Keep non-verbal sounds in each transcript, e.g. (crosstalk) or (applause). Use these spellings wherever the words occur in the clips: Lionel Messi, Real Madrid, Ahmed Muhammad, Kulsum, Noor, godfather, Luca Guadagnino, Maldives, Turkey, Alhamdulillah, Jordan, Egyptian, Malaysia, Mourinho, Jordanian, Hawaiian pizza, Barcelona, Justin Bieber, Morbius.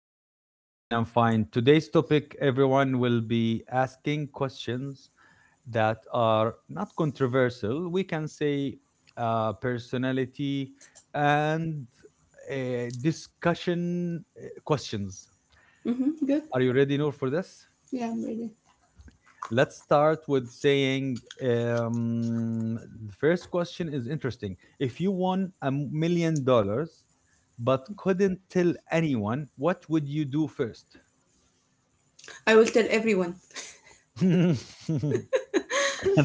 thank you. I'm fine. I'm fine. Today's topic everyone will be asking questions that are not controversial. We can say personality and discussion questions. Mm-hmm. Good. Are you ready, Noor, for this? Yeah, I'm ready. Let's start with saying the first question is interesting. If you won $1 million but couldn't tell anyone, what would you do first? I will tell everyone. (laughs)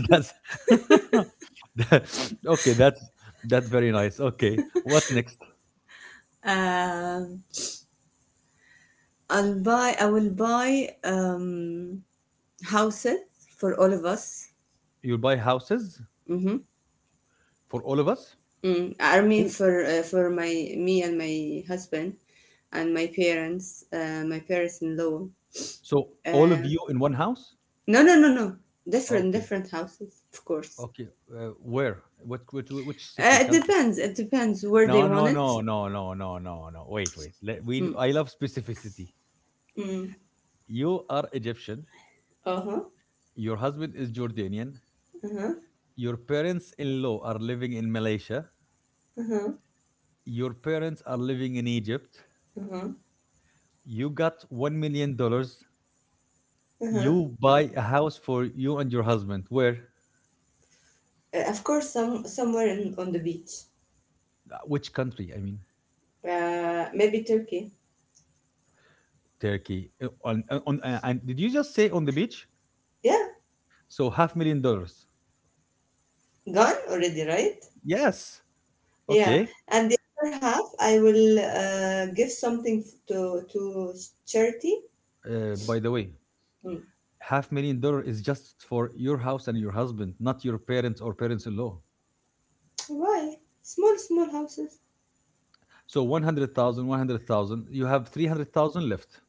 that's (laughs) okay. That's very nice. Okay, what next? Um, I will buy houses for all of us. You'll buy houses Mm-hmm. for all of us. Mm. I mean, Who? For my me and my husband and my parents, my parents-in-law. So all of Uh, you in one house? no, no, no, no. Different, Okay, different houses, of course. okay. Where? What? Which city? It Country? depends. It depends where they No, want no, it. no, no, no, no, no, no. Wait, wait. Let, we. Mm. I love specificity. Mm. You are Egyptian. Uh huh. Your husband is Jordanian. Uh Your parents-in-law are living in Malaysia. huh. Your parents are living in Egypt. Uh huh. You got $1 million. Uh-huh. You buy a house for you and your husband. Where? Of course, somewhere on the beach. Which country? I mean, Maybe Turkey. Turkey. On and did you just say on the beach? Yeah, So half million dollars. gone already, right? Yes. Yeah. Okay. And the other half, I will give something to charity. By the way, Mm. half million dollar is just for your house and your husband, not your parents or parents-in-law. Why? Small, small houses. So 100,000, 100,000. You have 300,000 left.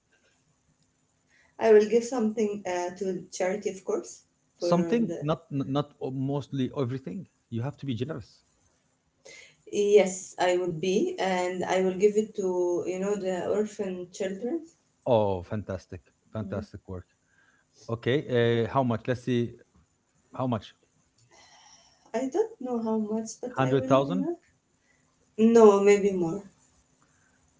I will give something to charity, of course, for Something, the. not mostly everything. You have to be generous. Yes, I would be, and I will give it to, you know, the orphan children. Oh, fantastic. Mm. Fantastic work. Okay, how much? Let's see, how much? I don't know how much, but I will, 100,000? No, maybe more.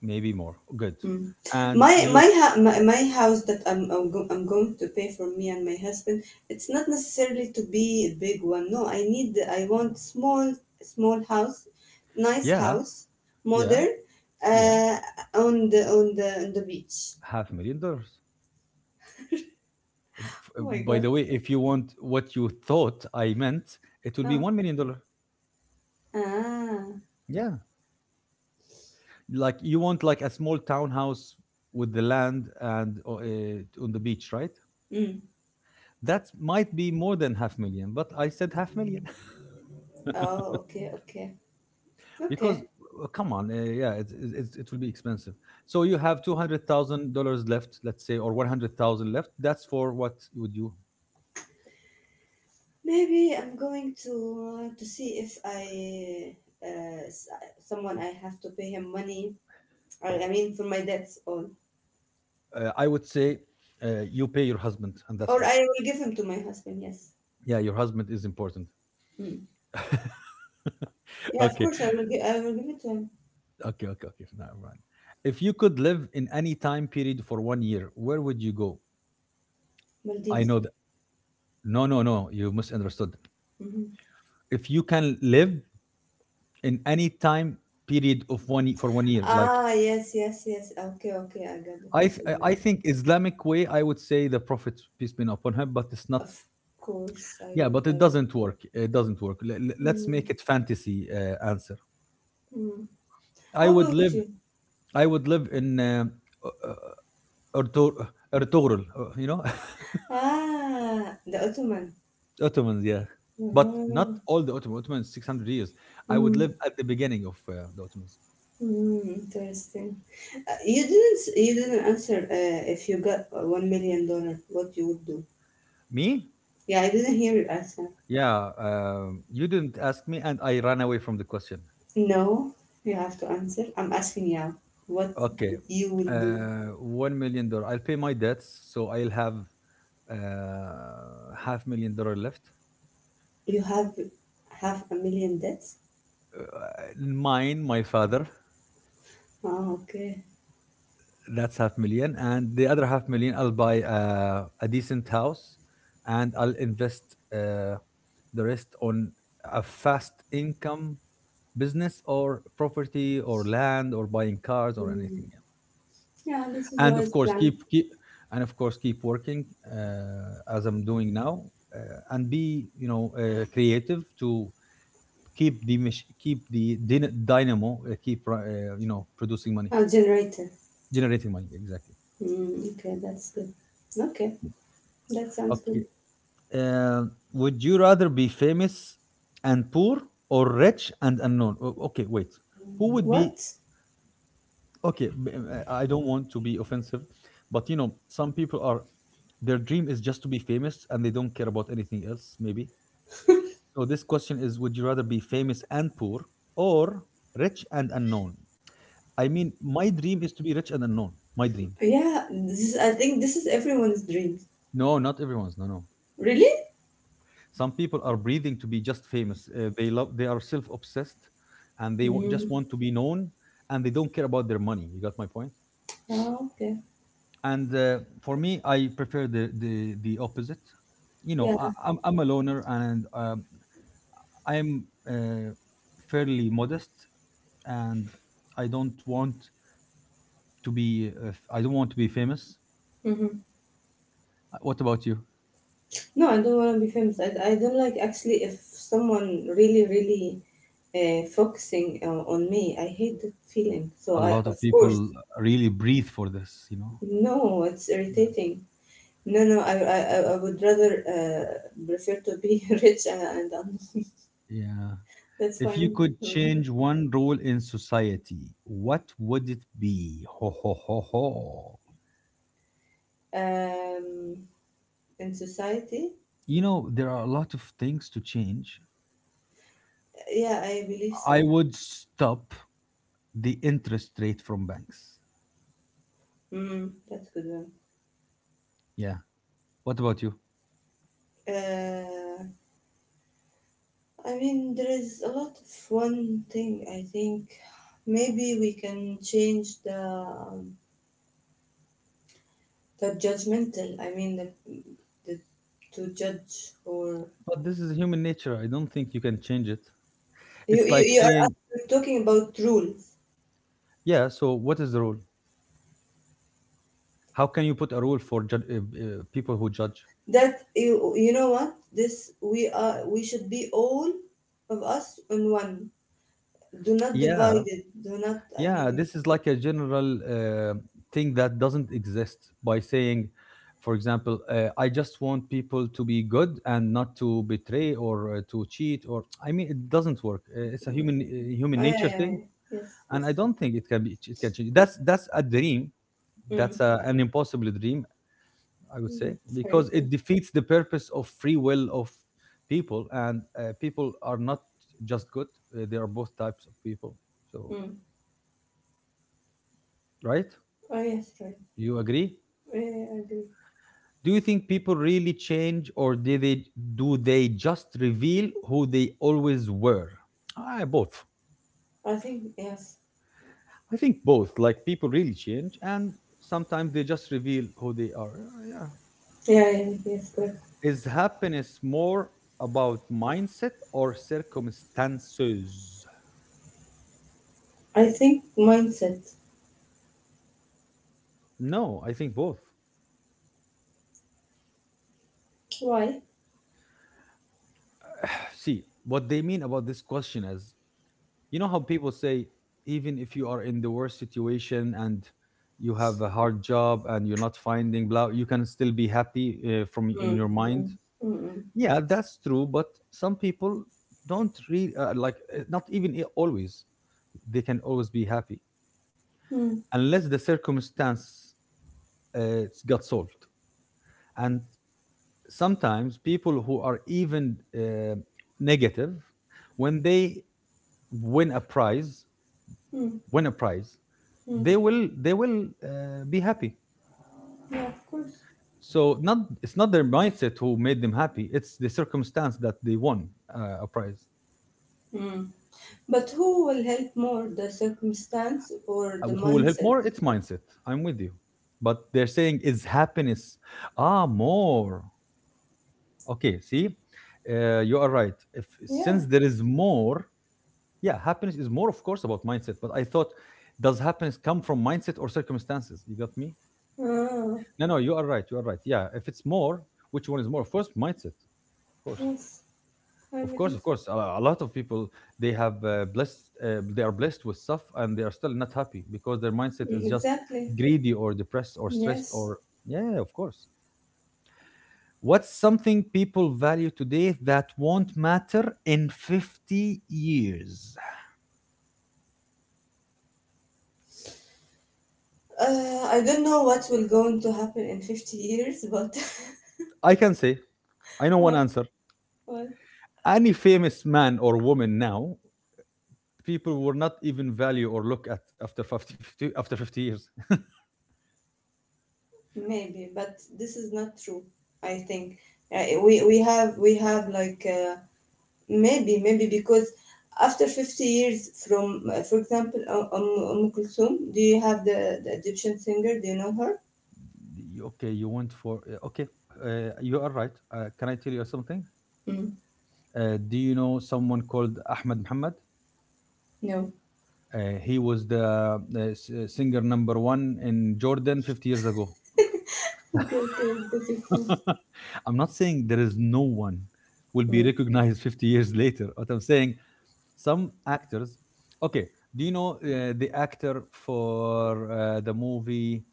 Maybe more. Good. Mm. And My you, my, ha- my house that I'm going to pay for me and my husband. It's not necessarily to be a big one. No, I want small house, nice yeah, house, yeah, modern, yeah, uh, on the beach. half a million dollars. F- uh, Oh my By god. the way, if you want what you thought I meant, it will be Oh. $1 million. Ah. Yeah, like you want like a small townhouse with the land and on the beach, right? Mm. That might be more than half million, but I said half million, Oh. Okay. Okay. Okay. because come on, yeah, it will be expensive, so you have $200,000 left, let's say, or 100,000 left. That's for what would you. Maybe I'm going to see if I uh, s- someone I have to pay him money. I mean for my debts all. I would say you pay your husband, and that's Or all. I will give him to my husband, yes. Yeah, your husband is important. Mm. (laughs) Yeah, of Okay, course I will give it to him. okay, okay, okay. Now, mind. If you could live in any time period for one year, where would you go? I Maldives. know that. No, no, no, you misunderstood. Hmm. If you can live in any time period of for one year, like. Ah, yes, yes, yes. Okay, okay, I got the I th- I question I now. think Islamic way, I would say the Prophet peace be upon him, but it's not. Of course I Yeah, would. but it I would. doesn't work. It doesn't work. Let's make Mm. it fantasy answer. Mm. I How would about live. you? I would live in Ertugrul. You know, Ah, the Ottoman. (laughs) Ottomans. Yeah, but not Ah, all the Ottomans. Ottomans 600 years. I would Mm. live at the beginning of the Ottomans. Mm. Interesting. You didn't answer if you got $1 million, what you would do. Me? Yeah, I didn't hear your answer. Yeah. You didn't ask me, and I ran away from the question. No, you have to answer. I'm asking you what Okay. you will do. One million dollar. I'll pay my debts, so I'll have uh, half million dollar left. You have half a million debts? Uh, mine, my father, Ah, okay. that's half million, and the other half million, I'll buy a decent house, and I'll invest uh, the rest on a fast income business, or property, or land, or buying cars, or Hmm. anything. Yeah. Yeah, this is And of wise course, plan. keep working, as I'm doing now, uh, and be, you know, creative, to keep the dynamo, keep, you know, producing money Oh, generator. generating money, exactly. Hmm. Okay, that's good. Okay, that sounds Okay. good. Uh, would you rather be famous and poor, or rich and unknown? Okay, wait, who would be. What? Okay, I don't want to be offensive, but some people are, their dream is just to be famous, and they don't care about anything else, maybe. So this question is, would you rather be famous and poor, or rich and unknown? I mean, my dream is to be rich and unknown. My dream. Yeah, this is, I think this is everyone's dream. No, not everyone's. No, no. Really? Some people are breathing to be just famous. They love. They are self-obsessed, and they just Mm. want to be known, and they don't care about their money. You got my point. Oh, okay. And for me, I prefer the opposite. You know, I, Yeah. I'm I'm a loner, and I'm fairly modest, and I don't want to be. I don't want to be famous. Mm-hmm. What about you? No, I don't want to be famous. I don't like actually if someone really, really focusing on me. I hate that feeling. So A I, lot of of course, people really breathe for this. You know. no, it's Yeah. irritating. No, no, I would rather prefer to be (laughs) rich and, unknown. (laughs) Yeah. That's If you fine could with me. change one role in society, what would it be? Ho ho ho ho. Um, in society, You know, there are a lot of things to change. yeah, I believe I so. would stop the interest rate from banks. Mm, that's good one. Yeah. What about you? Uh, I mean, there is a lot of one thing I think maybe we can change the judgmental, I mean the to judge or. But this is human nature. I don't think you can change it. It's like You are saying, actually talking about rules yeah, so what is the rule? How can you put a rule for people who judge? that you know what this we are we should be all of us in one. Do not Yeah, divide it, do not, I Yeah, mean. this is like a general thing that doesn't exist by saying, for example, I just want people to be good and not to betray, or to cheat. Or I mean, it doesn't work. It's a Oh, human, yeah, nature yeah, thing, yeah. Yes, and I yes, yes. don't think it can be, it can change. That's a dream. That's Mm. a, an impossible dream, I would say, Mm. Sorry, because yeah. it defeats the purpose of free will of people, and people are not just good. They are both types of people. So, Mm. right? Oh, yes, right. You agree? Yeah, yeah, I agree. Do you think people really change, or did they do they just reveal who they always were? Ah, both. I think yes. I think both. Like people really change, and sometimes they just reveal who they are. Ah, yeah. Yeah, yeah, yes, correct. Is happiness more about mindset or circumstances? I think mindset. No, I think both. Why? (sighs) See, what they mean about this question is, you know how people say even if you are in the worst situation and you have a hard job and you're not finding blah, you can still be happy from in Mm. your mind. Mm. Yeah, that's true, but some people don't really, like, not even, always they can always be happy, Mm-mm. unless the circumstance uh, got solved. And sometimes people who are even negative, when they win a prize Mm, win a prize, mm. They will be happy. Yeah, of course. So not it's not their mindset who made them happy. It's the circumstance, that they won a prize. Mm. But who will help more, the circumstance or Uh, the who will help mindset? more, it's mindset. I'm with you, but they're saying is happiness, ah, more. Okay, see, you are right. If, Yeah. since there is more. Yeah, happiness is more, of course, about mindset. But I thought, does happiness come from mindset or circumstances? You got me. Ah, No, no, you are right, you are right. Yeah, if it's more, which one is more, of course mindset. Of course. yes, I Of course, believe of so. course. A lot of people, they have, blessed, they are blessed with stuff, and they are still not happy because their mindset Mm, is just exactly. greedy, or depressed, or stressed, Yes. or, yeah, of course. What's something people value today that won't matter in 50 years? I don't know what will going to happen in 50 years, but (laughs) I can say I know one what, answer. what? Any famous man or woman now, people will not even value or look at after 50, 50, after 50 years. (laughs) Maybe, but this is not true, I think. Y- We have like maybe, maybe because after 50 years from, for example, Kulsum, do you have the Egyptian singer? Do you know her? Okay, you went for okay. You are right. Can I tell you something? Mm. Do you know someone called Ahmed Muhammad? No. He was the singer number one in Jordan 50 years ago. Okay, okay, I your point. (laughs) I'm not saying there is no one will be Mm. recognized 50 years later. What I'm saying, some actors. Okay, do you know the actor for the movie,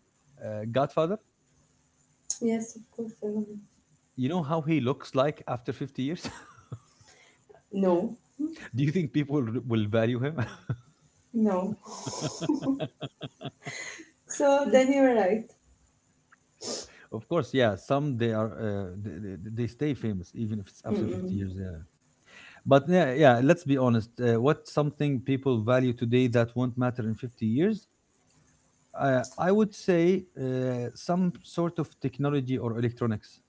Godfather? Yes, of course. I know her. You know how he looks like after 50 years? No, (laughs) Do you think people will value him? no. So then you're right. (laughs) Of course. Yeah, some, they are they, stay famous, even if it's after 50 Mm-mm. years. Yeah. But yeah, yeah, let's be honest, what's something people value today that won't matter in 50 years? I would say some sort of technology or electronics.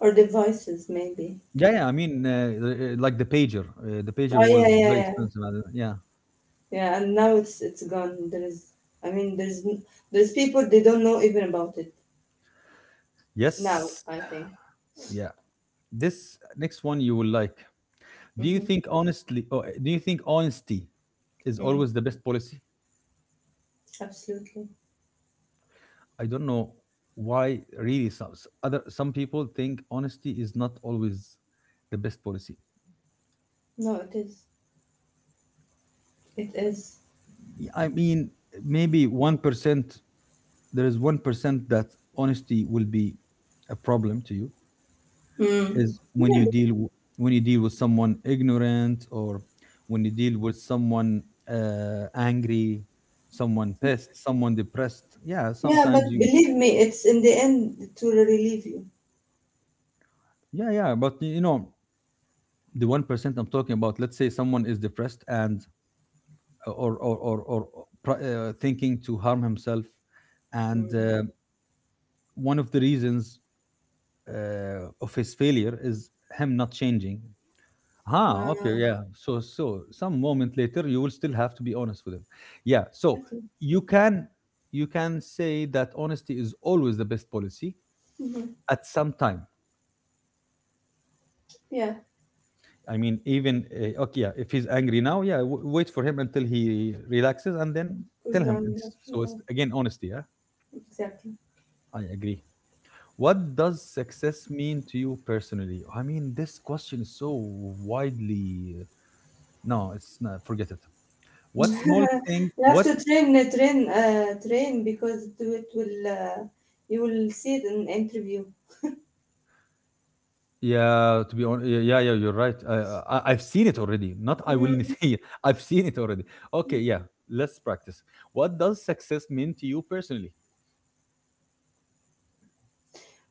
Or devices, maybe. Yeah, yeah. I mean, like the pager. The pager Oh yeah, was yeah, very yeah, expensive, yeah. yeah. And now it's gone. I mean, there's people they don't know even about it now. Yes. I think. Yeah. This next one you will like. Do you Mm-hmm. think honestly? Oh, do you think honesty is Mm. always the best policy? Absolutely. I don't know why. Really, some s- other some people think honesty is not always the best policy. No, it is. It is. I mean, maybe 1%. There is 1% that honesty will be a problem to you, Mm, is when yeah, but you deal with someone ignorant, or when you deal with someone angry, someone pissed, someone depressed, yeah, yeah, but sometimes you. believe me, it's in the end to relieve you. Yeah, yeah, but you know the 1% I'm talking about. Let's say someone is depressed and, or thinking to harm himself, and Mm. One of the reasons of his failure is him not changing. Ah, okay, Ah, yeah. So some moment later, you will still have to be honest with them. Yeah. So exactly. you can you can say that honesty is always the best policy Hmm. at some time. Yeah, I mean, even okay, yeah. If he's angry now, yeah, wait for him until he relaxes and then cool tell him. down. So it's Yeah, again honesty. Yeah, exactly. I agree. What does success mean to you personally? I mean, this question is so widely. No, it's not. Forget it. (laughs) What small thing? You have to What train, train because it will. You will see it in interview. Yeah, to be honest, yeah, yeah, yeah, you're right. I've seen it already. Not I will Mm, (laughs) see it. I've seen it already. Okay, yeah, let's practice. What does success mean to you personally?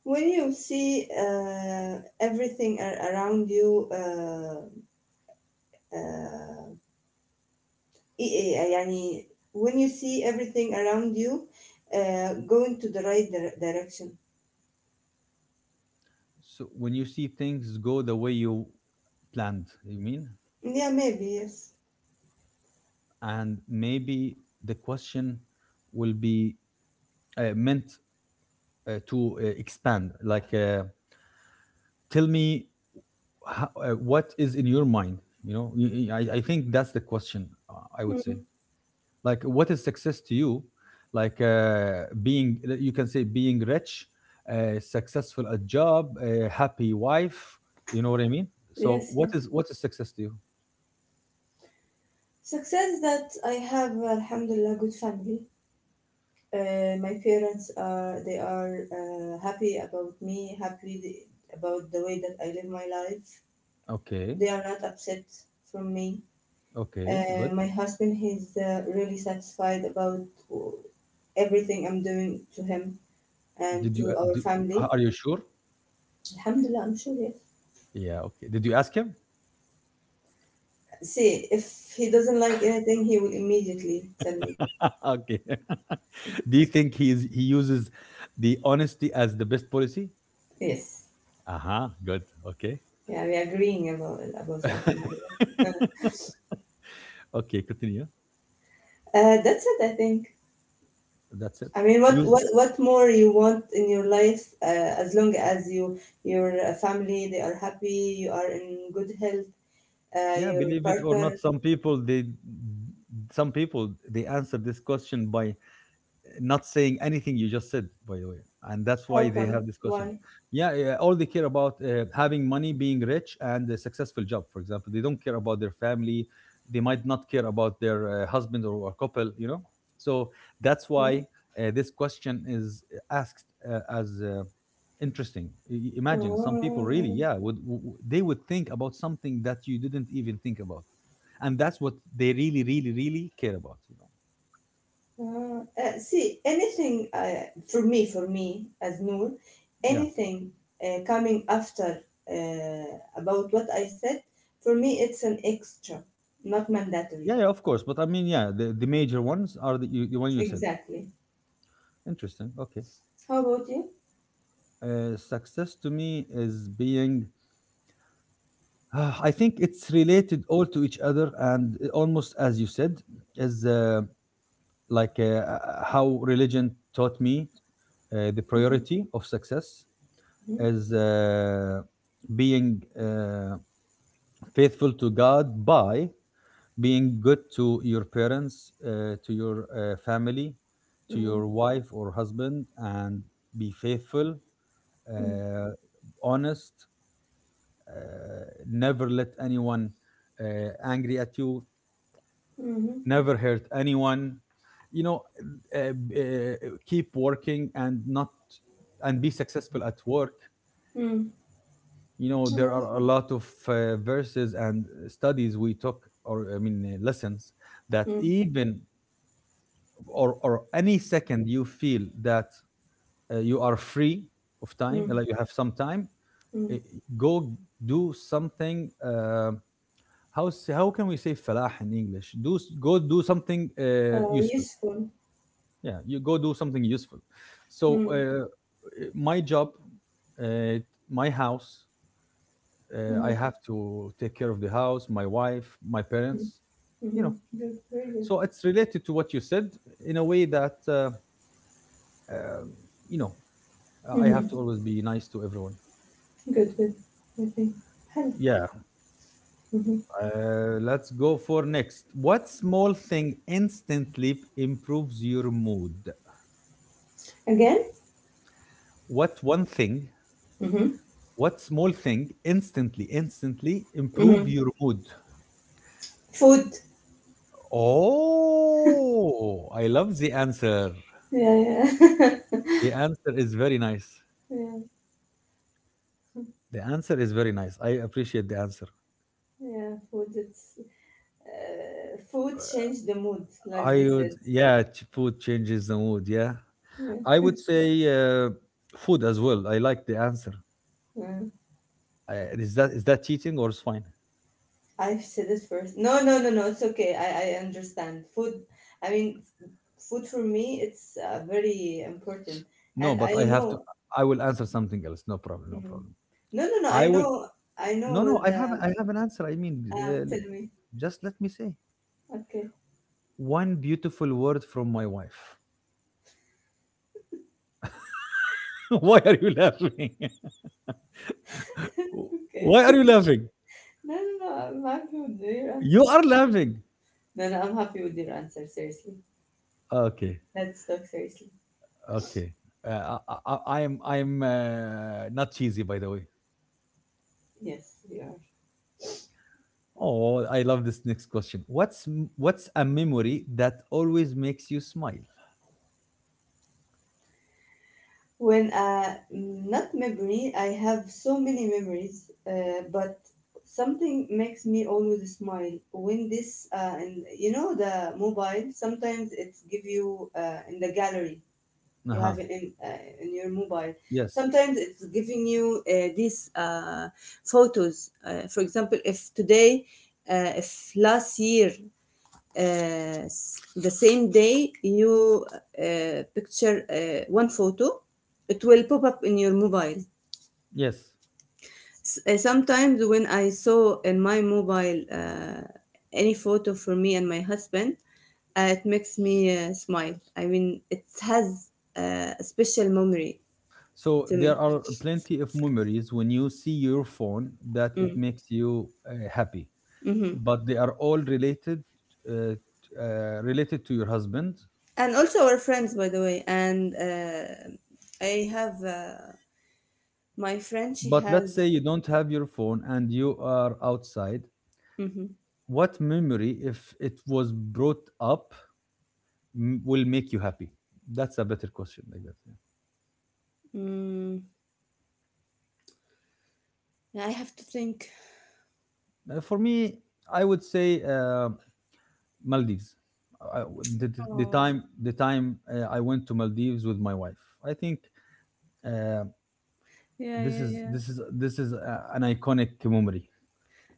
when you see uh, everything around you, uh, uh, إيه- إيه- يعني when you see everything around you, going to the right direction. So when you see things go the way you planned, you mean? Yeah, maybe, yes. And maybe the question will be meant to expand. Like, tell me how, what is in your mind. I think that's the question. I would say. Mm, Like what is success to you, like being, you can say being rich, successful at job, a happy wife. You know what I mean? So yes, what yes. is what is success to you? Success that I have, Alhamdulillah, good family. My parents are They are happy about me, about the way that I live my life. Okay. They are not upset from me. Okay, good. My husband, he's really satisfied about everything I'm doing to him and did you uh, to our did, family. are you sure? Alhamdulillah, I'm sure. Yes. Yeah, okay, did you ask him? See, if he doesn't like anything, he will immediately tell me. (laughs) Okay. (laughs) Do you think he uses the honesty as the best policy? Yes. Uh-huh. Good. Okay. Yeah, we're agreeing about something (laughs) like that. (laughs) Okay, continue. That's it, I think. That's it. I mean, You what more you want in your life? As long as your family they are happy, you are in good health, Yeah, your believe it or not, partner. some people they answer this question by not saying anything you just said, by the way. And that's why How they come? have this question. Why? Yeah, yeah, all they care about having money, being rich, and a successful job, for example. They don't care about their family. They might not care about their husband or a couple, you know? So that's Hmm? why this question is asked as interesting. Imagine some people really, Oh, yeah, would they would think about something that you didn't even think about. And that's what they really, really, really care about, you know? oh. See, anything for me as Noor, Yeah. anything coming after uh, about what I said, for me it's an extra, not mandatory. Yeah, yeah, of course. But I mean, yeah, the major ones are the one you said. Exactly. Interesting. Okay. How about you? Success to me is being, (sighs) I think it's related all to each other. And almost as you said, is like, how religion taught me the Mhm, priority of success is being faithful to God by being good to your parents, to your family, to mhm, your wife or husband, and be faithful, mhm, uh, honest, uh, never let anyone angry at you, mhm, never hurt anyone. You know, uh, uh, keep working, and not, and be successful at work. mhm. You know, there Well, are a lot of verses and studies we took, or I mean, lessons, that mhm, even or any second you feel that you are free of time, mhm, like you have some time, mhm. eh, go do something, how how can we say falah in English, go do something useful. Useful. Yeah, you go do something useful. So Mhm, my job, uh, my house, I mhm, have to take care of the house, my wife, my mhm, parents. You know, mhm. Good, very good. so it's related to what you said in a way that, um, you know I have Mhm, to always be nice to everyone. good, good. Okay. Hello. Yeah, Mhm. Let's go for next. What small thing instantly improves your mood? Again? What one thing, Mhm, what small thing instantly improve mhm. your mood? Food. Oh, I love the answer. Yeah, yeah. (laughs) The answer is very nice. Yeah, The answer is very nice. I appreciate the answer. yeah, food. Food changed the mood, like I they would, said. yeah, food changes the mood. Yeah. I Yeah. would say food as well. I like the answer. Uh, I Is that cheating or it's fine? I said it first. No, no, no, no. It's okay. I understand. Food. I mean, f- Food for me, it's very important. No, And but I I have to. know. I will answer something else. No problem. No Mhm. problem. No, no, no. I I will. know. I No, know no. The. I have an answer. I mean, Ah, l- tell me. just let me say Okay, one beautiful word from my wife. (laughs) Why are you laughing? (laughs) okay. Why are you (laughs) laughing? No, no, no. I'm happy with your answer. You are laughing. No, no. I'm happy with your answer. Seriously. Okay. Let's talk seriously. Okay. I am not cheesy, by the way. Yes, you are. Oh, I love this next question. What's a memory that always makes you smile? When not memory, I have so many memories, but something makes me always smile when this and you know the mobile. Sometimes it's give you in the gallery Uh you huh. have it in your mobile. Yes. Sometimes it's giving you these photos. For example, if today, if last year uh, the same day you picture one photo, it will pop up in your mobile. Yes. Sometimes when I saw in my mobile any photo for me and my husband, it makes me smile. I mean, it has a special memory So to me. there are plenty of memories when you see your phone that it Mm. makes you happy, Hmm. but they are all uh, related to your husband. And also our friends, by the way. And I have my friend. She But let's has. say you don't have your phone and you are outside. Hmm. What memory, if it was brought up, will make you happy? That's a better question, like that. Yeah. Mm, I have to think. For me, I would say Maldives. I- the, the the Oh, time the time uh, I went to Maldives with my wife. I think. Uh, yeah, this yeah, is yeah. this is this is uh, an iconic memory.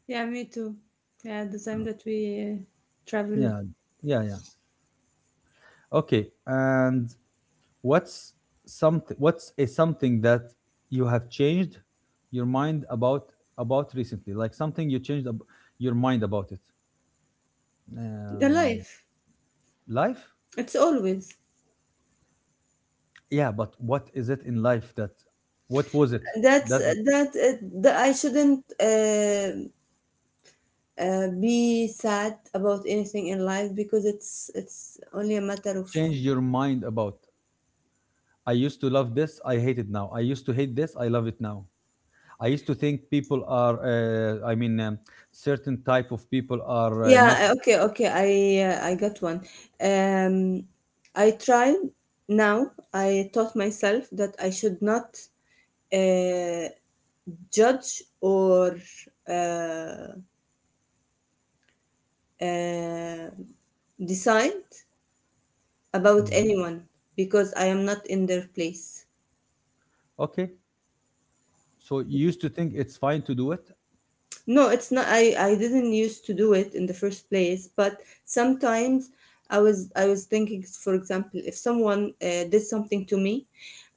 Yeah, me too. Yeah, the time that we traveled, Yeah, yeah, yeah. Okay, and what's something? What's a something that you have changed your mind about recently? Like something you changed your mind about it? the Um, life. Life? It's always. Yeah, but what is it in life that? What was it That's that uh, that. I shouldn't be sad about anything in life because it's only a matter of. changed your mind about? I used to love this. I hate it now. I used to hate this. I love it now. I used to think people are, I mean, certain type of people are not. Yeah. Okay. Okay. I got one. Um, I tried. Now I taught myself that I should not uh, judge or. Uh, uh, Decide about Mhm. anyone because I am not in their place. Okay. So you used to think it's fine to do it. No, it's not. I didn't used to do it in the first place, but sometimes I was thinking, for example, if someone did something to me,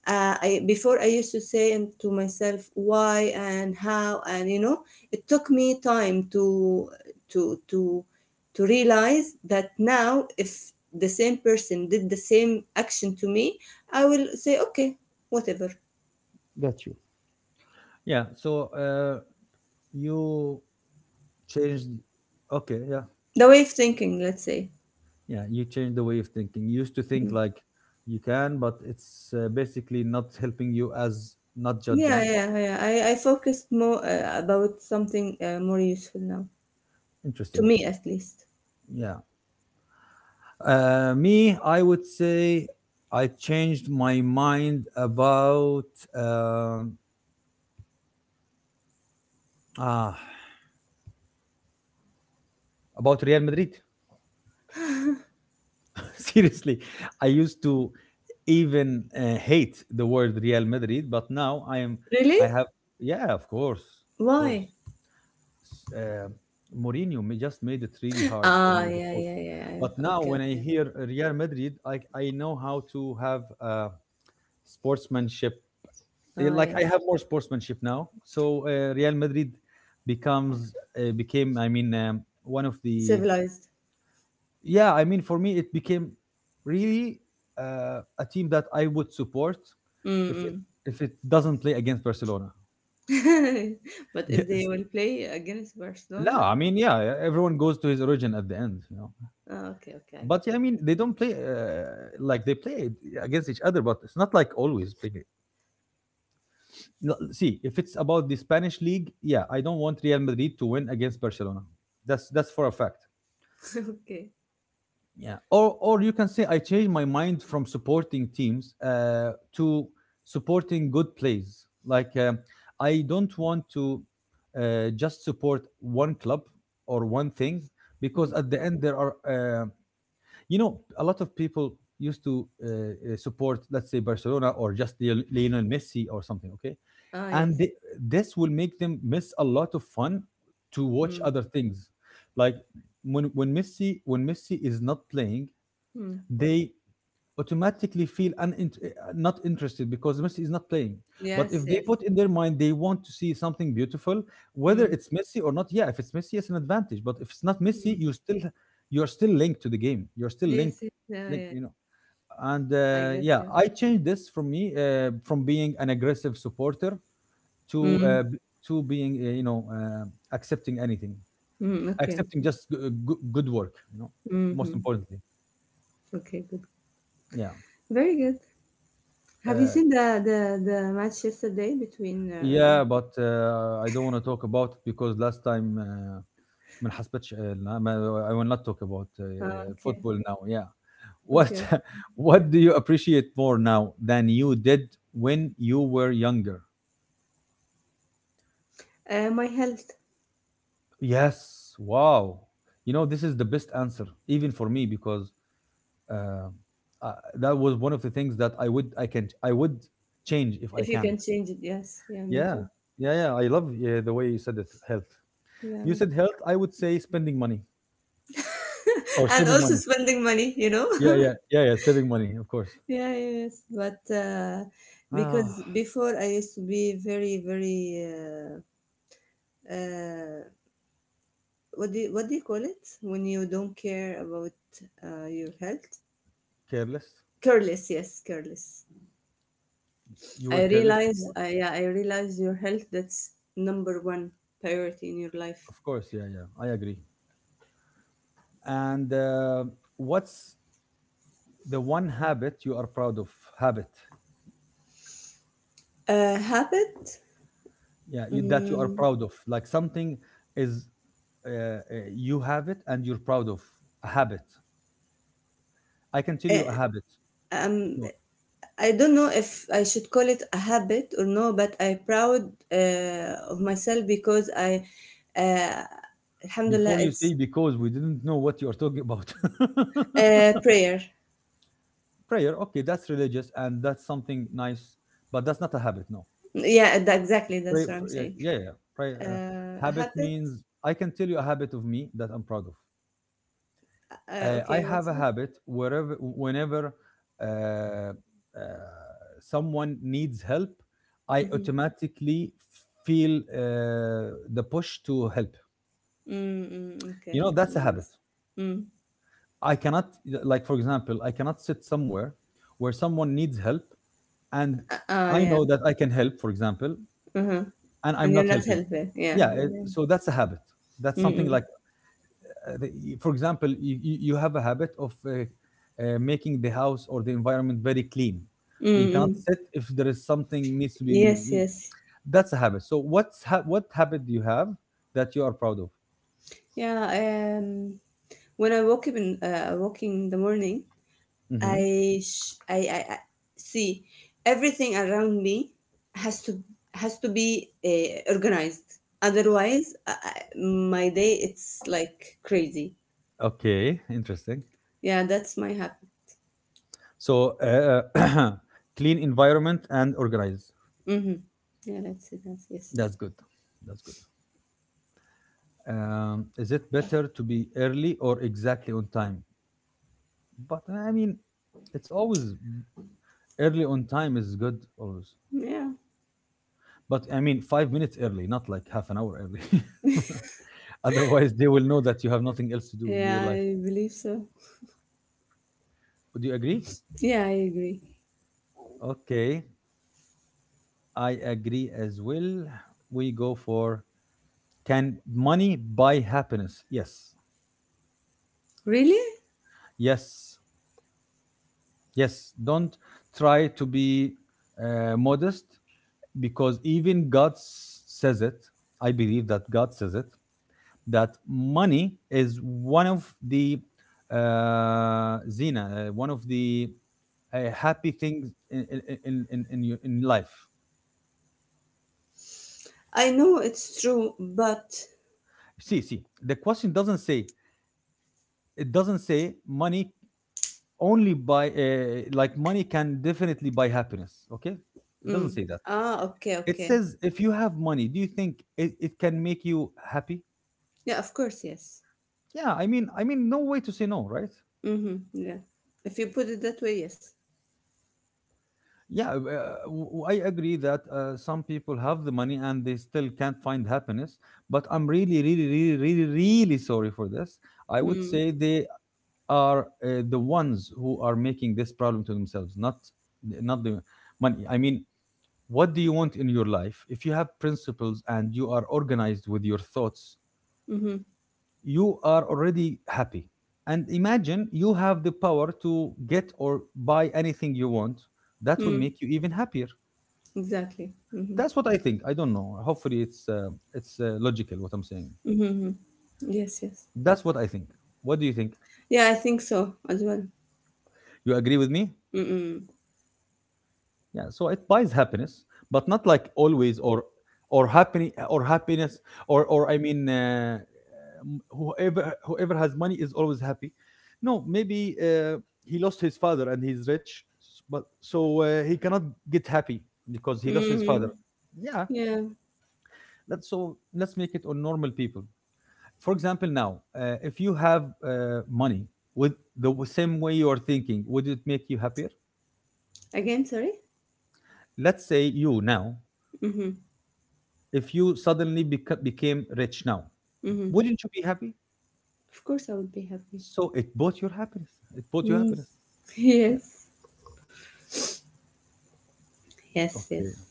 I, before I used to say and to myself why and how, and you know it took me time to to to to realize that now if the same person did the same action to me I will say okay, whatever, Got you. Yeah. So you changed. Okay. Yeah. the way of thinking, let's say. Yeah. You changed the way of thinking. You used to think Mm. like you can, but it's basically not helping you, as not Yeah, judging. Oh. yeah, yeah. I focused more about something more useful now to Interesting. me at least. Yeah. Me, I would say I changed my mind about. um ah, about Real Madrid. (laughs) Seriously, I used to even hate the word Real Madrid, but now I am. Really? I have. Yeah, of course, of course. Why? S- Uh, Mourinho just made it really hard for Ah, me, the yeah, coach. yeah, yeah, yeah. But now Okay, when I okay. hear Real Madrid, I know how to have uh, sportsmanship. Ah, Like yeah. I have more sportsmanship now. So Real Madrid becomes became. I mean, one of the. Civilized. Yeah, I mean, for me, it became really a team that I would support if it Mm, if it doesn't play against Barcelona. mm. (laughs) But if they Yes. will play against Barcelona, No, I mean, yeah, everyone goes to his origin at the end. ah, okay, okay, I get But yeah, I it. mean, they don't play, like they play against each other, but it's not like always playing. It. No. See, if it's about the Spanish league, yeah, I don't want Real Madrid to win against Barcelona. That's for a fact. (laughs) Okay. Yeah, or you can say I changed my mind from supporting teams to supporting good plays. Like, I don't want to just support one club or one thing, because Mm. at the end there are you know, a lot of people used to support, let's say, Barcelona or just Lionel Messi or something. Okay, Ah, and yes. This will make them miss a lot of fun to watch Mm, other things. Like, when Messi is not playing mm. they automatically feel not interested because Messi is not playing. But Yes, if they yes. put in their mind they want to see something beautiful, whether Mm, it's Messi or not, yeah, if it's Messi, it's an advantage. But if it's not Messi, mm. You're still linked to the game. You're still linked, Yes, yes. Yeah, yeah. link, Yeah. you know. And I got yeah, you. I changed this from me, from being an aggressive supporter to Mm, to being, accepting anything, mm. Okay, accepting okay. just good work. You know, most Mm-hmm. importantly, Okay, good. yeah. Very good. Have you Uh, seen the match yesterday between? Yeah, but I don't want to talk about it because last time ما نحسبتش I will not talk about Ah, okay, football now. Yeah. What okay. (laughs) What do you appreciate more now than you did when you were younger? My health. Yes. Wow. You know, this is the best answer even for me because uh, that was one of the things that I would change if I If you can. can change it, yes. Yeah, me Yeah. too. Yeah, yeah. I love, yeah, the way you said it, health. You Yeah. said health, I would say spending money. (laughs) Or And saving also money. spending money, you know. Yeah, (laughs) yeah, yeah, yeah. Saving money, of course. Yeah, yes, but Ah, because before I used to be very, very uh, what do you call it when you don't care about your health? Careless. Careless, yes, careless. You were I careless, realize, I Yeah, I realize your health, that's number one priority in your life. of course. Yeah, yeah. I agree. And what's the one habit you are proud of? Habit. Habit. Yeah, that you are Mm, proud of. Like something is uh, uh, you have it and you're proud of, a habit. I can tell you eh, a habit um, if you want. I don't know if I should call it a habit or no, but I'm proud of myself because I. Uh, Alhamdulillah, Before you say, it's because we didn't know what you are talking about. (laughs) Prayer. Prayer, okay, that's religious and that's something nice, but that's not a habit. No. Yeah, that, exactly. That's what I'm Yeah, saying. yeah. Yeah. A Habit habit. means I can tell you a habit of me that I'm proud of. I Okay, have what's a the? habit wherever, whenever uh, uh, someone needs help, I Mm-hmm. automatically feel the push to help. Mm-mm, okay, You know, that's a habit. nice. Mm. I cannot, like for example, I cannot sit somewhere where someone needs help, and Ah, I yeah. know that I can help, for example, Uh-huh. and And I'm you're not not helping. healthy. Yeah, Yeah, yeah. so that's a habit. That's something Mm-mm. like for example, you have a habit of making the house or the environment very clean. You cannot Mm-mm. sit if there is something needs to be. Yes, yes. That's a habit. So what habit do you have that you are proud of? Yeah. When I woke in the morning, Hmm. I, sh- I see everything around me has to has to be organized. Otherwise, my day it's like crazy. Okay, interesting. Yeah, that's my habit. So (coughs) (clears throat) clean environment and organized. Hmm. Yeah, that's it. That's yes. That's good. That's good. Is it better to be early or exactly on time? But I mean, it's always early on time is good always. Yeah, But I mean, 5 minutes early, not like half an hour early. (laughs) Otherwise, they will know that you have nothing else to do in your yeah, life. I believe so. Do you agree? Yeah, I agree. Okay, I agree as well. We go for, can money buy happiness? Yes, Really? yes, yes. Don't try to be modest because even says it. I believe that God says it, that money is one of the Zina, one of the happy things in life. I know it's true, but See, see, the question doesn't say, it doesn't say money only buy like money can definitely buy happiness. Okay, it doesn't mm. say that. Okay, It okay. says if you have money, do you think it, it can make you happy? Yeah, of course, yes. Yeah, I mean, no way to say no, right? Mm-hmm. Yeah, if you put it that way, yes. Yeah, I agree that some people have the money and they still can't find happiness. But I'm really, really, really, really, really sorry for this. I would Mm-hmm. say they are the ones who are making this problem to themselves, not not the money. I mean, what do you want in your life? If you have principles and you are organized with your thoughts, Mm-hmm. you are already happy. And imagine you have the power to get or buy anything you want. That will Mm. make you even happier. Exactly. Mhm. That's what I think. I don't know. Hopefully, it's logical what I'm saying. Mhm. Yes, yes. That's what I think. What do you think? Yeah, I think so as well. You agree with me? Mm-mm. Yeah. So it buys happiness, but not like always or happy or happiness or I mean, whoever has money is always happy. No, maybe he lost his father and he's rich, but so he cannot get happy because he lost his father. Mhm. Yeah. Yeah. Let's make it on normal people. For example now if you have money with the same way you are thinking, would it make you happier? Again, sorry? Let's say you now, Mhm. if you suddenly became rich now, Mhm. wouldn't you be happy? Of course I would be happy. So it bought your happiness, it bought your Mm. happiness. (laughs) Yeah. Yes. Yes, Okay. yes.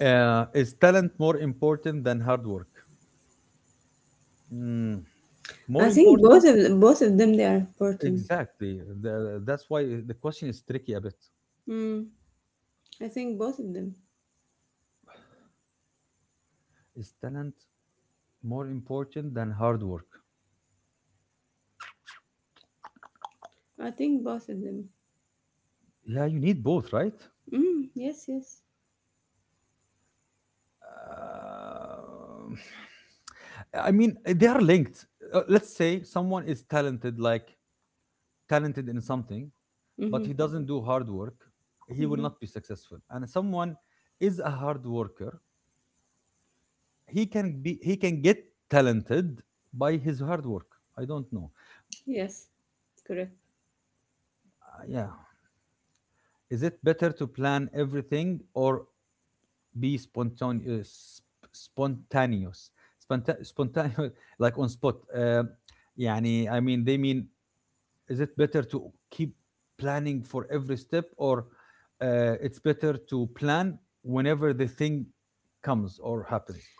Is talent more important than hard work? Mm, more I think both important, of them, both of them they are important. exactly, that's why the question is tricky a bit. Mm. I think both of them. Is talent more important than hard work? I think both of them. Yeah, you need both, right? Mm. Yes, yes. Um, I mean, they are linked. Let's say someone is talented, like talented in something, but he Mhm. doesn't do hard work, he will Mhm. not be successful. And someone is a hard worker, he can be, he can get talented by his hard work. I don't know. Yes, correct. Yeah, is it better to plan everything or be spontaneous? Spontaneous. Spontaneous, (laughs) like on spot. يعني I mean they mean, is it better to keep planning for every step or it's better to plan whenever the thing comes or happens?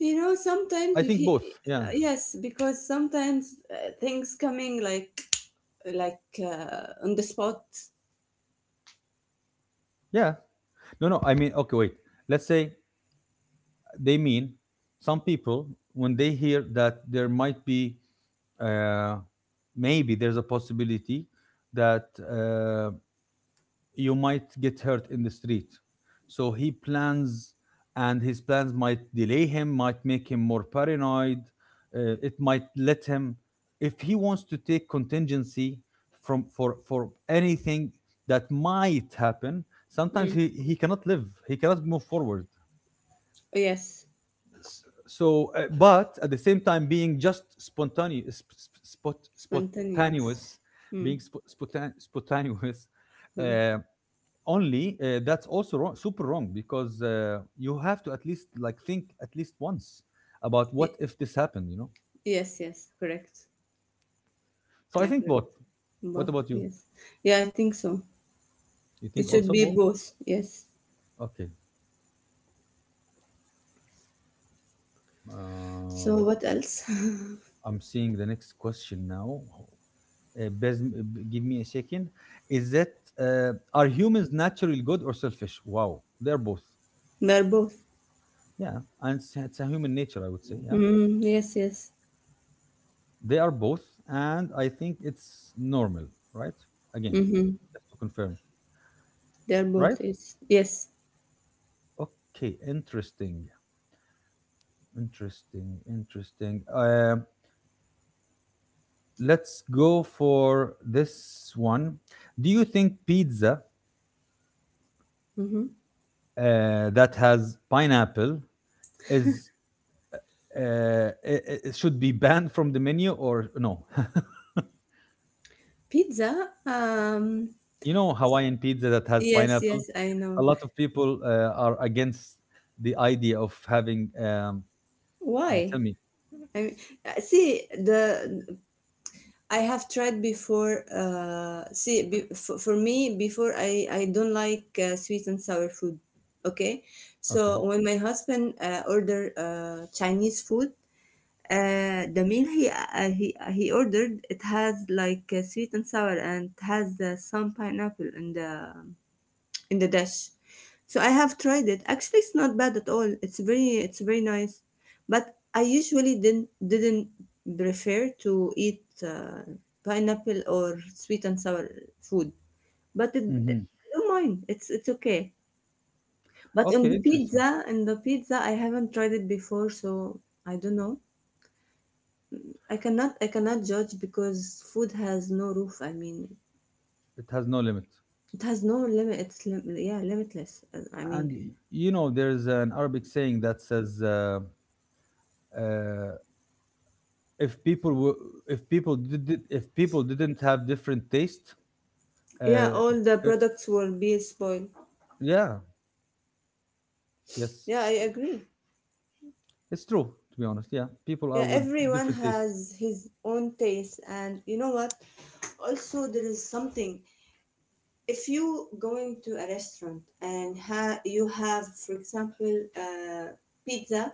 You know, sometimes I think both, yeah. Yes, because sometimes things coming like on the spot. Yeah, no, I mean, okay, wait, let's say they mean, some people when they hear that there might be uh, maybe there's a possibility that uh, you might get hurt in the street. So he plans, and his plans might delay him, might make him more paranoid. It might let him, if he wants to take contingency from for anything that might happen. Sometimes Mm. He cannot live. He cannot move forward. Yes, So, but at the same time, being just spontaneous, spontaneous. spontaneous, Mm. being spontaneous, Mm. um, only that's also wrong, super wrong because you have to at least like think at least once about what Y- if this happened, you know. yes, yes, correct. So I Yeah, think correct. both. What Both, about you? yes. Yeah, I think so. You It think should also be both? both, yes. Okay. So uh, what else? I'm seeing the next question now. Give me a second. Is that are humans naturally good or selfish? Wow, they're both. (laughs) They're both. Yeah, and it's a human nature, I would say. Yeah, Mm, yes, yes. they are both, and I think it's normal, right? Again, Mm-hmm. just to confirm, They're right? both, yes. Yes. Okay, interesting, interesting, interesting. Let's go for this one. Do you think pizza Mm-hmm. That has pineapple is it should be banned from the menu or no? (laughs) Pizza? You know, Hawaiian pizza that has Yes, pineapple. yes, I A know. lot of people are against the idea of having. Why? Tell me. I mean, see, the I have tried before. See, for me, before I don't like sweet and sour food. Okay, Okay. so when my husband order Chinese food, the meal he ordered it has like sweet and sour and it has some pineapple in the dish. So I have tried it. Actually, it's not bad at all. It's very nice, but I usually didn't prefer to eat pineapple or sweet and sour food. But Hmm. I don't mind. It's okay. But on Okay, the interesting. pizza, I haven't tried it before, so I don't know. I cannot judge because food has no roof. I mean, It has no limit. it has no limit. Yeah, limitless. I And mean, you know, there's an Arabic saying that says, uh, "If people if people didn't have different taste, yeah, uh, all the uh, products will be spoiled. yeah, yes, Yeah, I agree. it's true. To be honest, yeah, people are Yeah, with everyone different tastes. has his own taste, and you know what? Also, there is something. If you going to a restaurant and you have, for example, pizza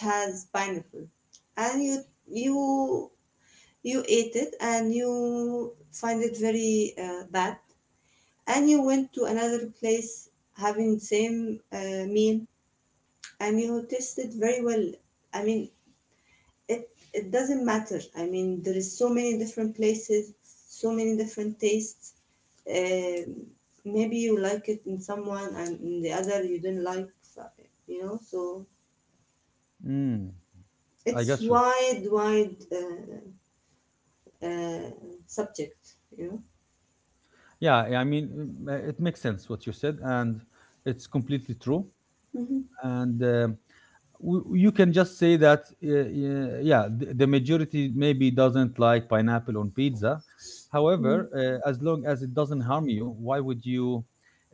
that has pineapple, and you you ate it and you find it very bad, and you went to another place having same meal and you tasted very well. I mean, it doesn't matter. I mean, there is so many different places, so many different tastes. um, Maybe you like it in someone and in the other you didn't like, you know. So Mm, I it's got you. wide, wide uh, subject you know Yeah, I mean, mm, it makes sense what you said, and it's completely true. hmm. And you can just say that yeah the majority maybe doesn't like pineapple on pizza, however Hmm. As long as it doesn't harm you, why would you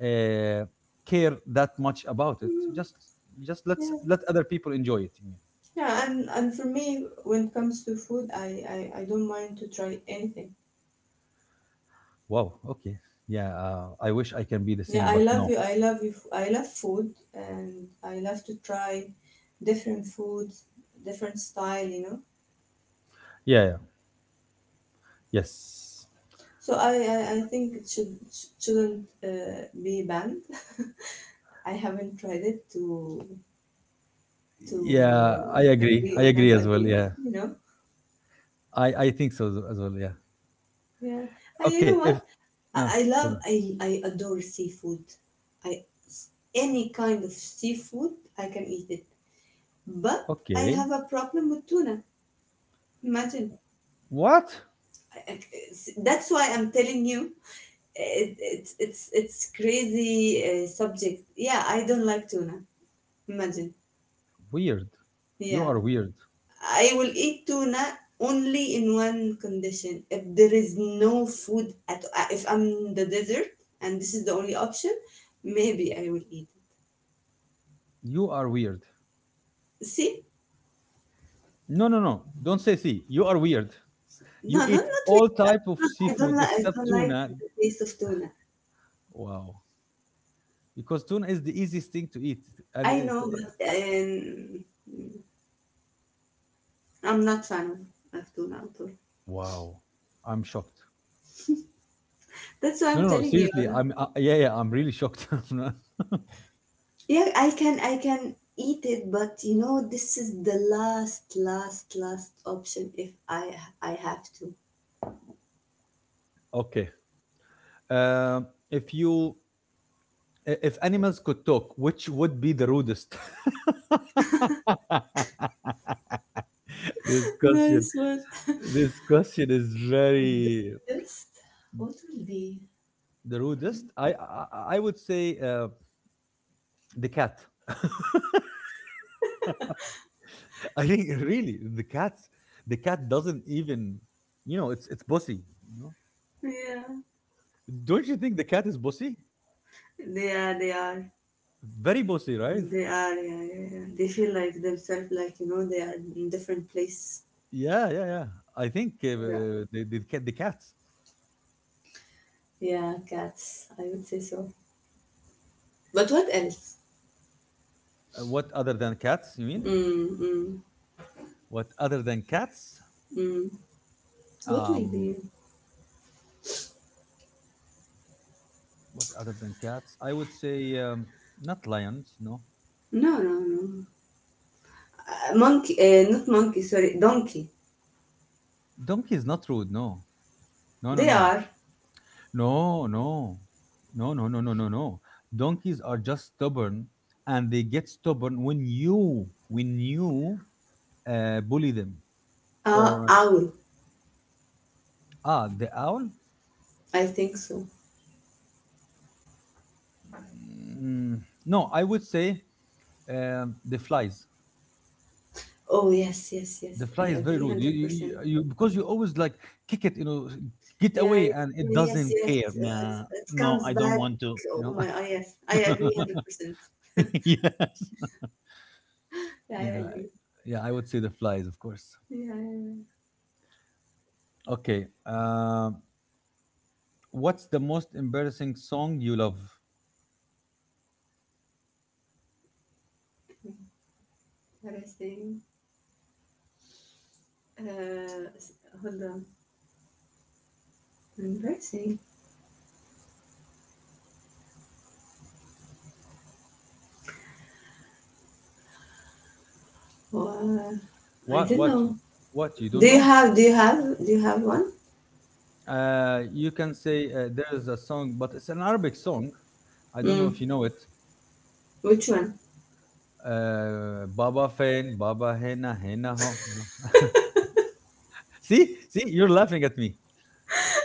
uh, care that much about it? Mm. Just let's Yeah, let other people enjoy it, you mean. yeah, and for me when it comes to food, I don't mind to try anything. Wow, okay. Yeah, I wish I can be the Yeah, same, I but love no. you. I love you. I love food and I love to try different foods, different style. Yeah, yeah. Yes. So I think it shouldn't be banned. (laughs) I haven't tried it to Yeah, to I agree, agree I or not agree as well, agree, yeah. you know. I think so as well, yeah. Yeah. And you Okay. know if what? uh, I, I love then- I, I adore seafood. I Any kind of seafood I can eat it. But I Okay. have a problem with tuna. Imagine. What? That's why I'm telling you it, it's crazy subject. Yeah, I don't like tuna. Imagine. Weird. You Yeah, are weird. I will eat tuna only in one condition if there is no food at if I'm in the desert and this is the only option, maybe I will eat. You are weird. See? No, no, no. Don't say sea. You are weird. No, You no, eat not really. all type of I don't seafood like I except don't like tuna. the taste of tuna. Wow. Because tuna is the easiest thing to eat, and I it's know, the, but I'm not fan of tuna at all. wow. I'm shocked. That's why No, I'm no, no. telling you. Seriously, uh, I'm. Yeah, yeah. I'm really shocked. (laughs) I'm not- Yeah, I can eat it, but you know this is the last option if I have to. okay. Um, if you, if animals could talk, which would be the rudest? (laughs) This (laughs) question. Nice one. This question is The very, best. What will be? the rudest? I would say the cat. (laughs) I think really the cat. The cat doesn't even, you know, it's bossy. You know, Yeah, don't you think the cat is bossy? they are. They are. Very bossy, right? They are. Yeah, yeah, yeah. They feel like themselves. Like you know, they are in different place. Yeah, yeah, yeah. I think Yeah. The cats. Yeah, cats. I would say so. But what else? What other than cats? You mean Mm, mm, what other than cats? mm. What will be? Um, what other than cats? I would say not lions. No, No, no, no. Monkey. Not monkey. Sorry, donkey. donkey is not rude. No, no, no, They no. are. No, no, no, no, no, no, no, no. Donkeys are just stubborn, and they get stubborn when you bully them. Or Owl. The owl. I think so. Mm, no, I would say the flies. Oh, yes, yes, yes. The fly I is very agree rude. Hundred percent. Because you always like kick it. You know, get Yeah, away, I- and it yes, doesn't yes. care. Nah, It no, comes I don't back. want to. You Oh know. my, oh, yes. I agree 100%. (laughs) Yes. Yeah, I Yeah, agree. yeah. I would say the flies, of course. Yeah, yeah. Okay. Um, what's the most embarrassing song you love? what I Uh, s- Hold on. Embarrassing. Uh, I What? don't What? know. What you Do don't you know? have? Do you have? Do you have one? You can say there is a song, but it's an Arabic song. I don't know Mm. if you know it. Which one? Baba Fein, Baba Hena Hena Ho. You know. (laughs) See, see, you're laughing at me,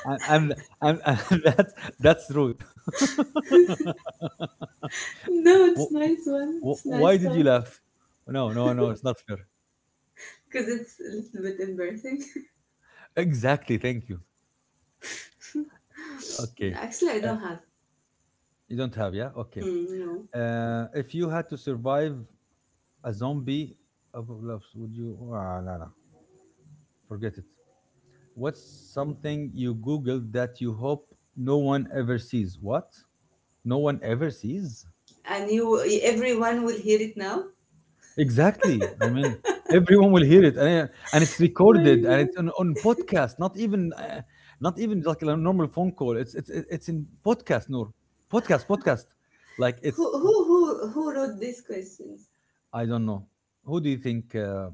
and and, and, and (laughs) that's rude. (laughs) No, it's Wh- nice one. It's Why nice did you one. laugh? No, no, no, it's not fair. Cause it's a little bit embarrassing. Exactly. Thank you. (laughs) Okay. Actually, I Uh, don't have. you don't have, yeah? Okay. Hmm, no. If you had to survive a zombie apocalypse, would you? Ah, no, no, forget it. What's something you googled that you hope no one ever sees? What? No one ever sees? And you, everyone will hear it now. Exactly. I mean, everyone will hear it, and it's Oh my recorded, and god. it's on podcast. Not even, not even like a normal phone call. It's it's in podcast, Noor. Podcast, podcast. Like Who, it's. who, who, who wrote these questions? I don't know. Who do you think?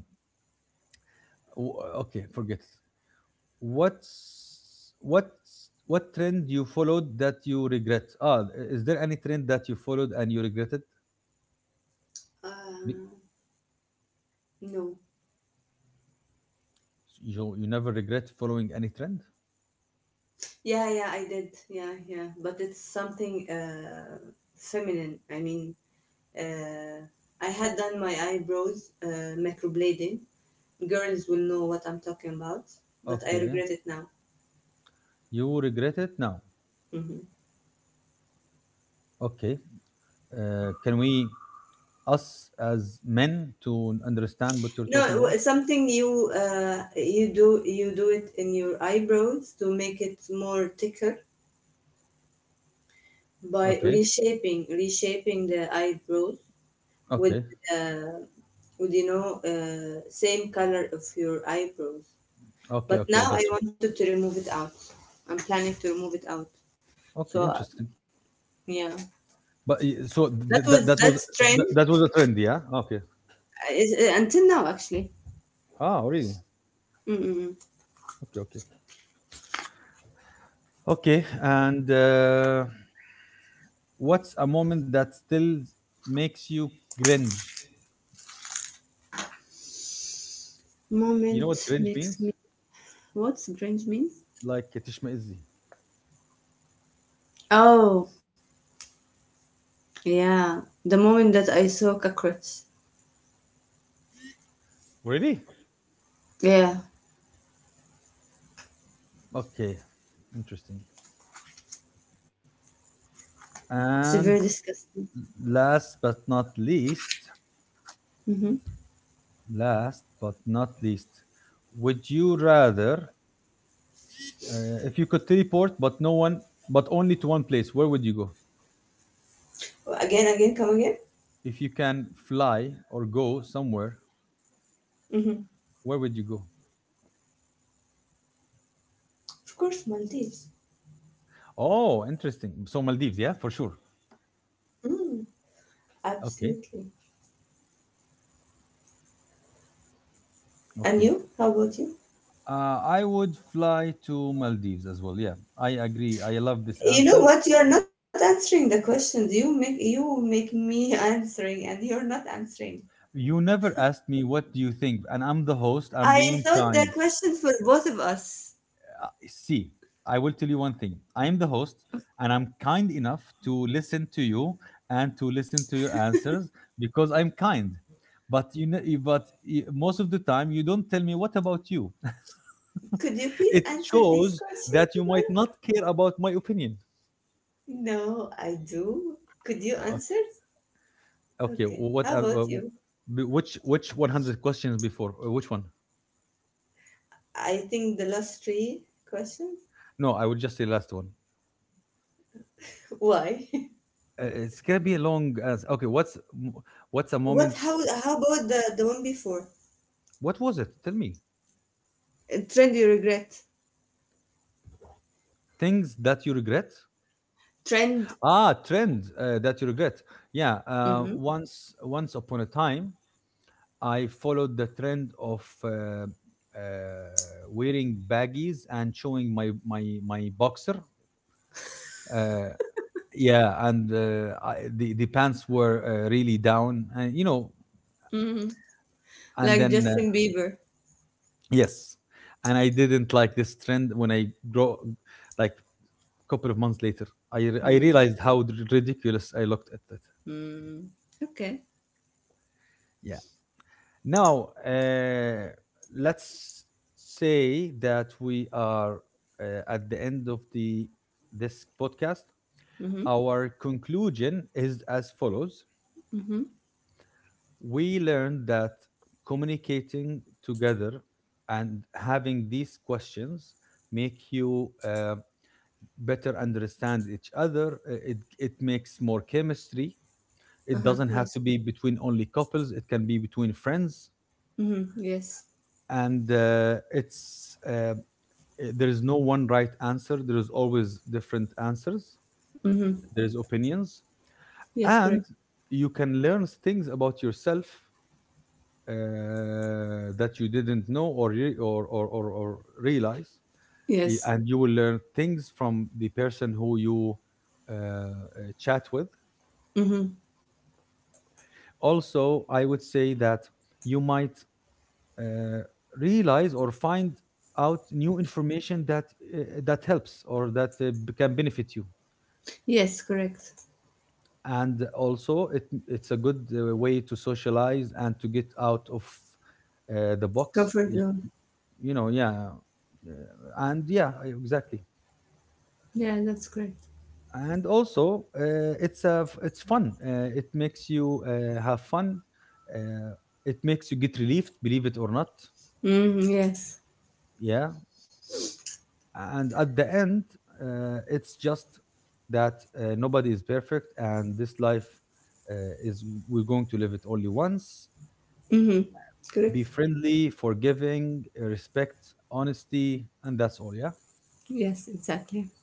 w- okay, forget it. What what trend you followed that you regret? Ah, is there any trend that you followed and you regretted? Be- Uh, no. you, you never regret following any trend? Yeah, yeah, I did. Yeah, yeah. But it's something feminine. I mean, uh, I had done my eyebrows microblading. Girls will know what I'm talking about, but I Okay, regret it now. you regret it now? Hmm. Okay. Uh, can we us as men to understand what you're No, talking about? Something you do it in your eyebrows to make it more thicker by Okay, reshaping the eyebrows with okay. uh, same color of your eyebrows. Okay, But okay, I now got I you. wanted to remove it out. I'm planning to remove it out. Okay, So interesting. yeah. But that that was that was, that's trend. that, that was a trend, yeah, okay. Until now, actually. Ah, really? Mm-mm. Okay, okay. Okay, and what's a moment that still makes you cringe? You know what Moment cringe makes me. means? What's cringe means? Like تشمئزي. Oh, yeah, the moment that I saw cockroach. Really? Yeah, Okay, interesting. it's very And disgusting. last but not least, Mm-hmm. last but not least, would you rather, if you could teleport, but no one, but only to one place, where would you go? Again, come again? If you can fly or go somewhere, Mm-hmm. where would you go? Of course, Maldives. Oh, interesting. So Maldives, yeah, for sure. Mm, absolutely. Okay, And you? How okay. about you? I would fly to Maldives as well. Yeah, I agree. I love this You know answer. what? You are not answering the questions. You make me (laughs) answering, and you're not answering. You never asked me what do you think, and I'm the host. I I'm being thought the kind. question for both of us. See, I will tell you one thing. I'm the host, and I'm kind enough to listen to you and to listen to your answers because I'm kind. But you know, but most of the time, you don't tell me what about you. Could you (laughs) please It answer these shows questions that you as well? might not care about my opinion. No, I do. Could you Yeah, answer? okay. Okay, Okay. what How uh, uh, about you? wh- which 100 questions before. Which one? I think the last three questions. No, I would just say last one. Why? (laughs) It's gonna be a long as okay. What's a moment? What? How? How about the one before? What was it? Tell me A trend you regret? things that you regret. Trend? Ah, trend that you regret. Yeah. Mm-hmm. Once upon a time, I followed the trend of wearing baggies and showing my boxer. Uh, yeah and the pants were really down, and you know, Mm-hmm. and Like then Justin Bieber. yes. And I didn't like this trend. When I grow, like, a couple of months later, I Mm, realized how ridiculous I looked at it. mm. Okay. Yeah. Now, let's say that we are at the end of the this podcast, Mm-hmm. our conclusion is as follows. Mm-hmm. We learned that communicating together and having these questions make you better understand each other. It makes more chemistry. It Uh-huh. doesn't have to Yes. be between only couples, it can be between friends. Mm-hmm. Yes. And there is no one right answer, there is always different answers, Mm-hmm. there is opinions. Yes, And correct. you can learn things about yourself, that you didn't know or, re- or realize. Yes. And you will learn things from the person who you uh, uh, chat with. Mm-hmm. Also, I would say that you might uh, realize or find out new information that uh, that helps or that can benefit you. Yes, correct. And also it's a good way to socialize and to get out of the box, Comfort zone. you know. Yeah, and yeah, exactly. Yeah, that's correct. And also it's a it's fun, it makes you have fun. Uh, it makes you get relieved, believe it or not. Mm-hmm. Yes. Yeah. And at the end, it's just that, nobody is perfect, and this life uh, is we're going to live it only once. Mm-hmm. Be Correct. friendly, forgiving, respect, honesty, and that's all. Yeah. Yes, exactly.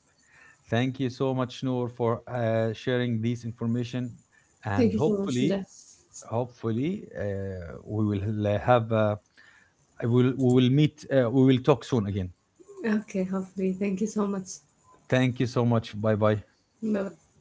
Thank you so much, Noor, for sharing this information, and Thank you so much for hopefully, that. hopefully, we will have. I will. We will meet. We will talk soon again. Okay, hopefully. Thank you so much. Thank you so much. Bye bye. Bye.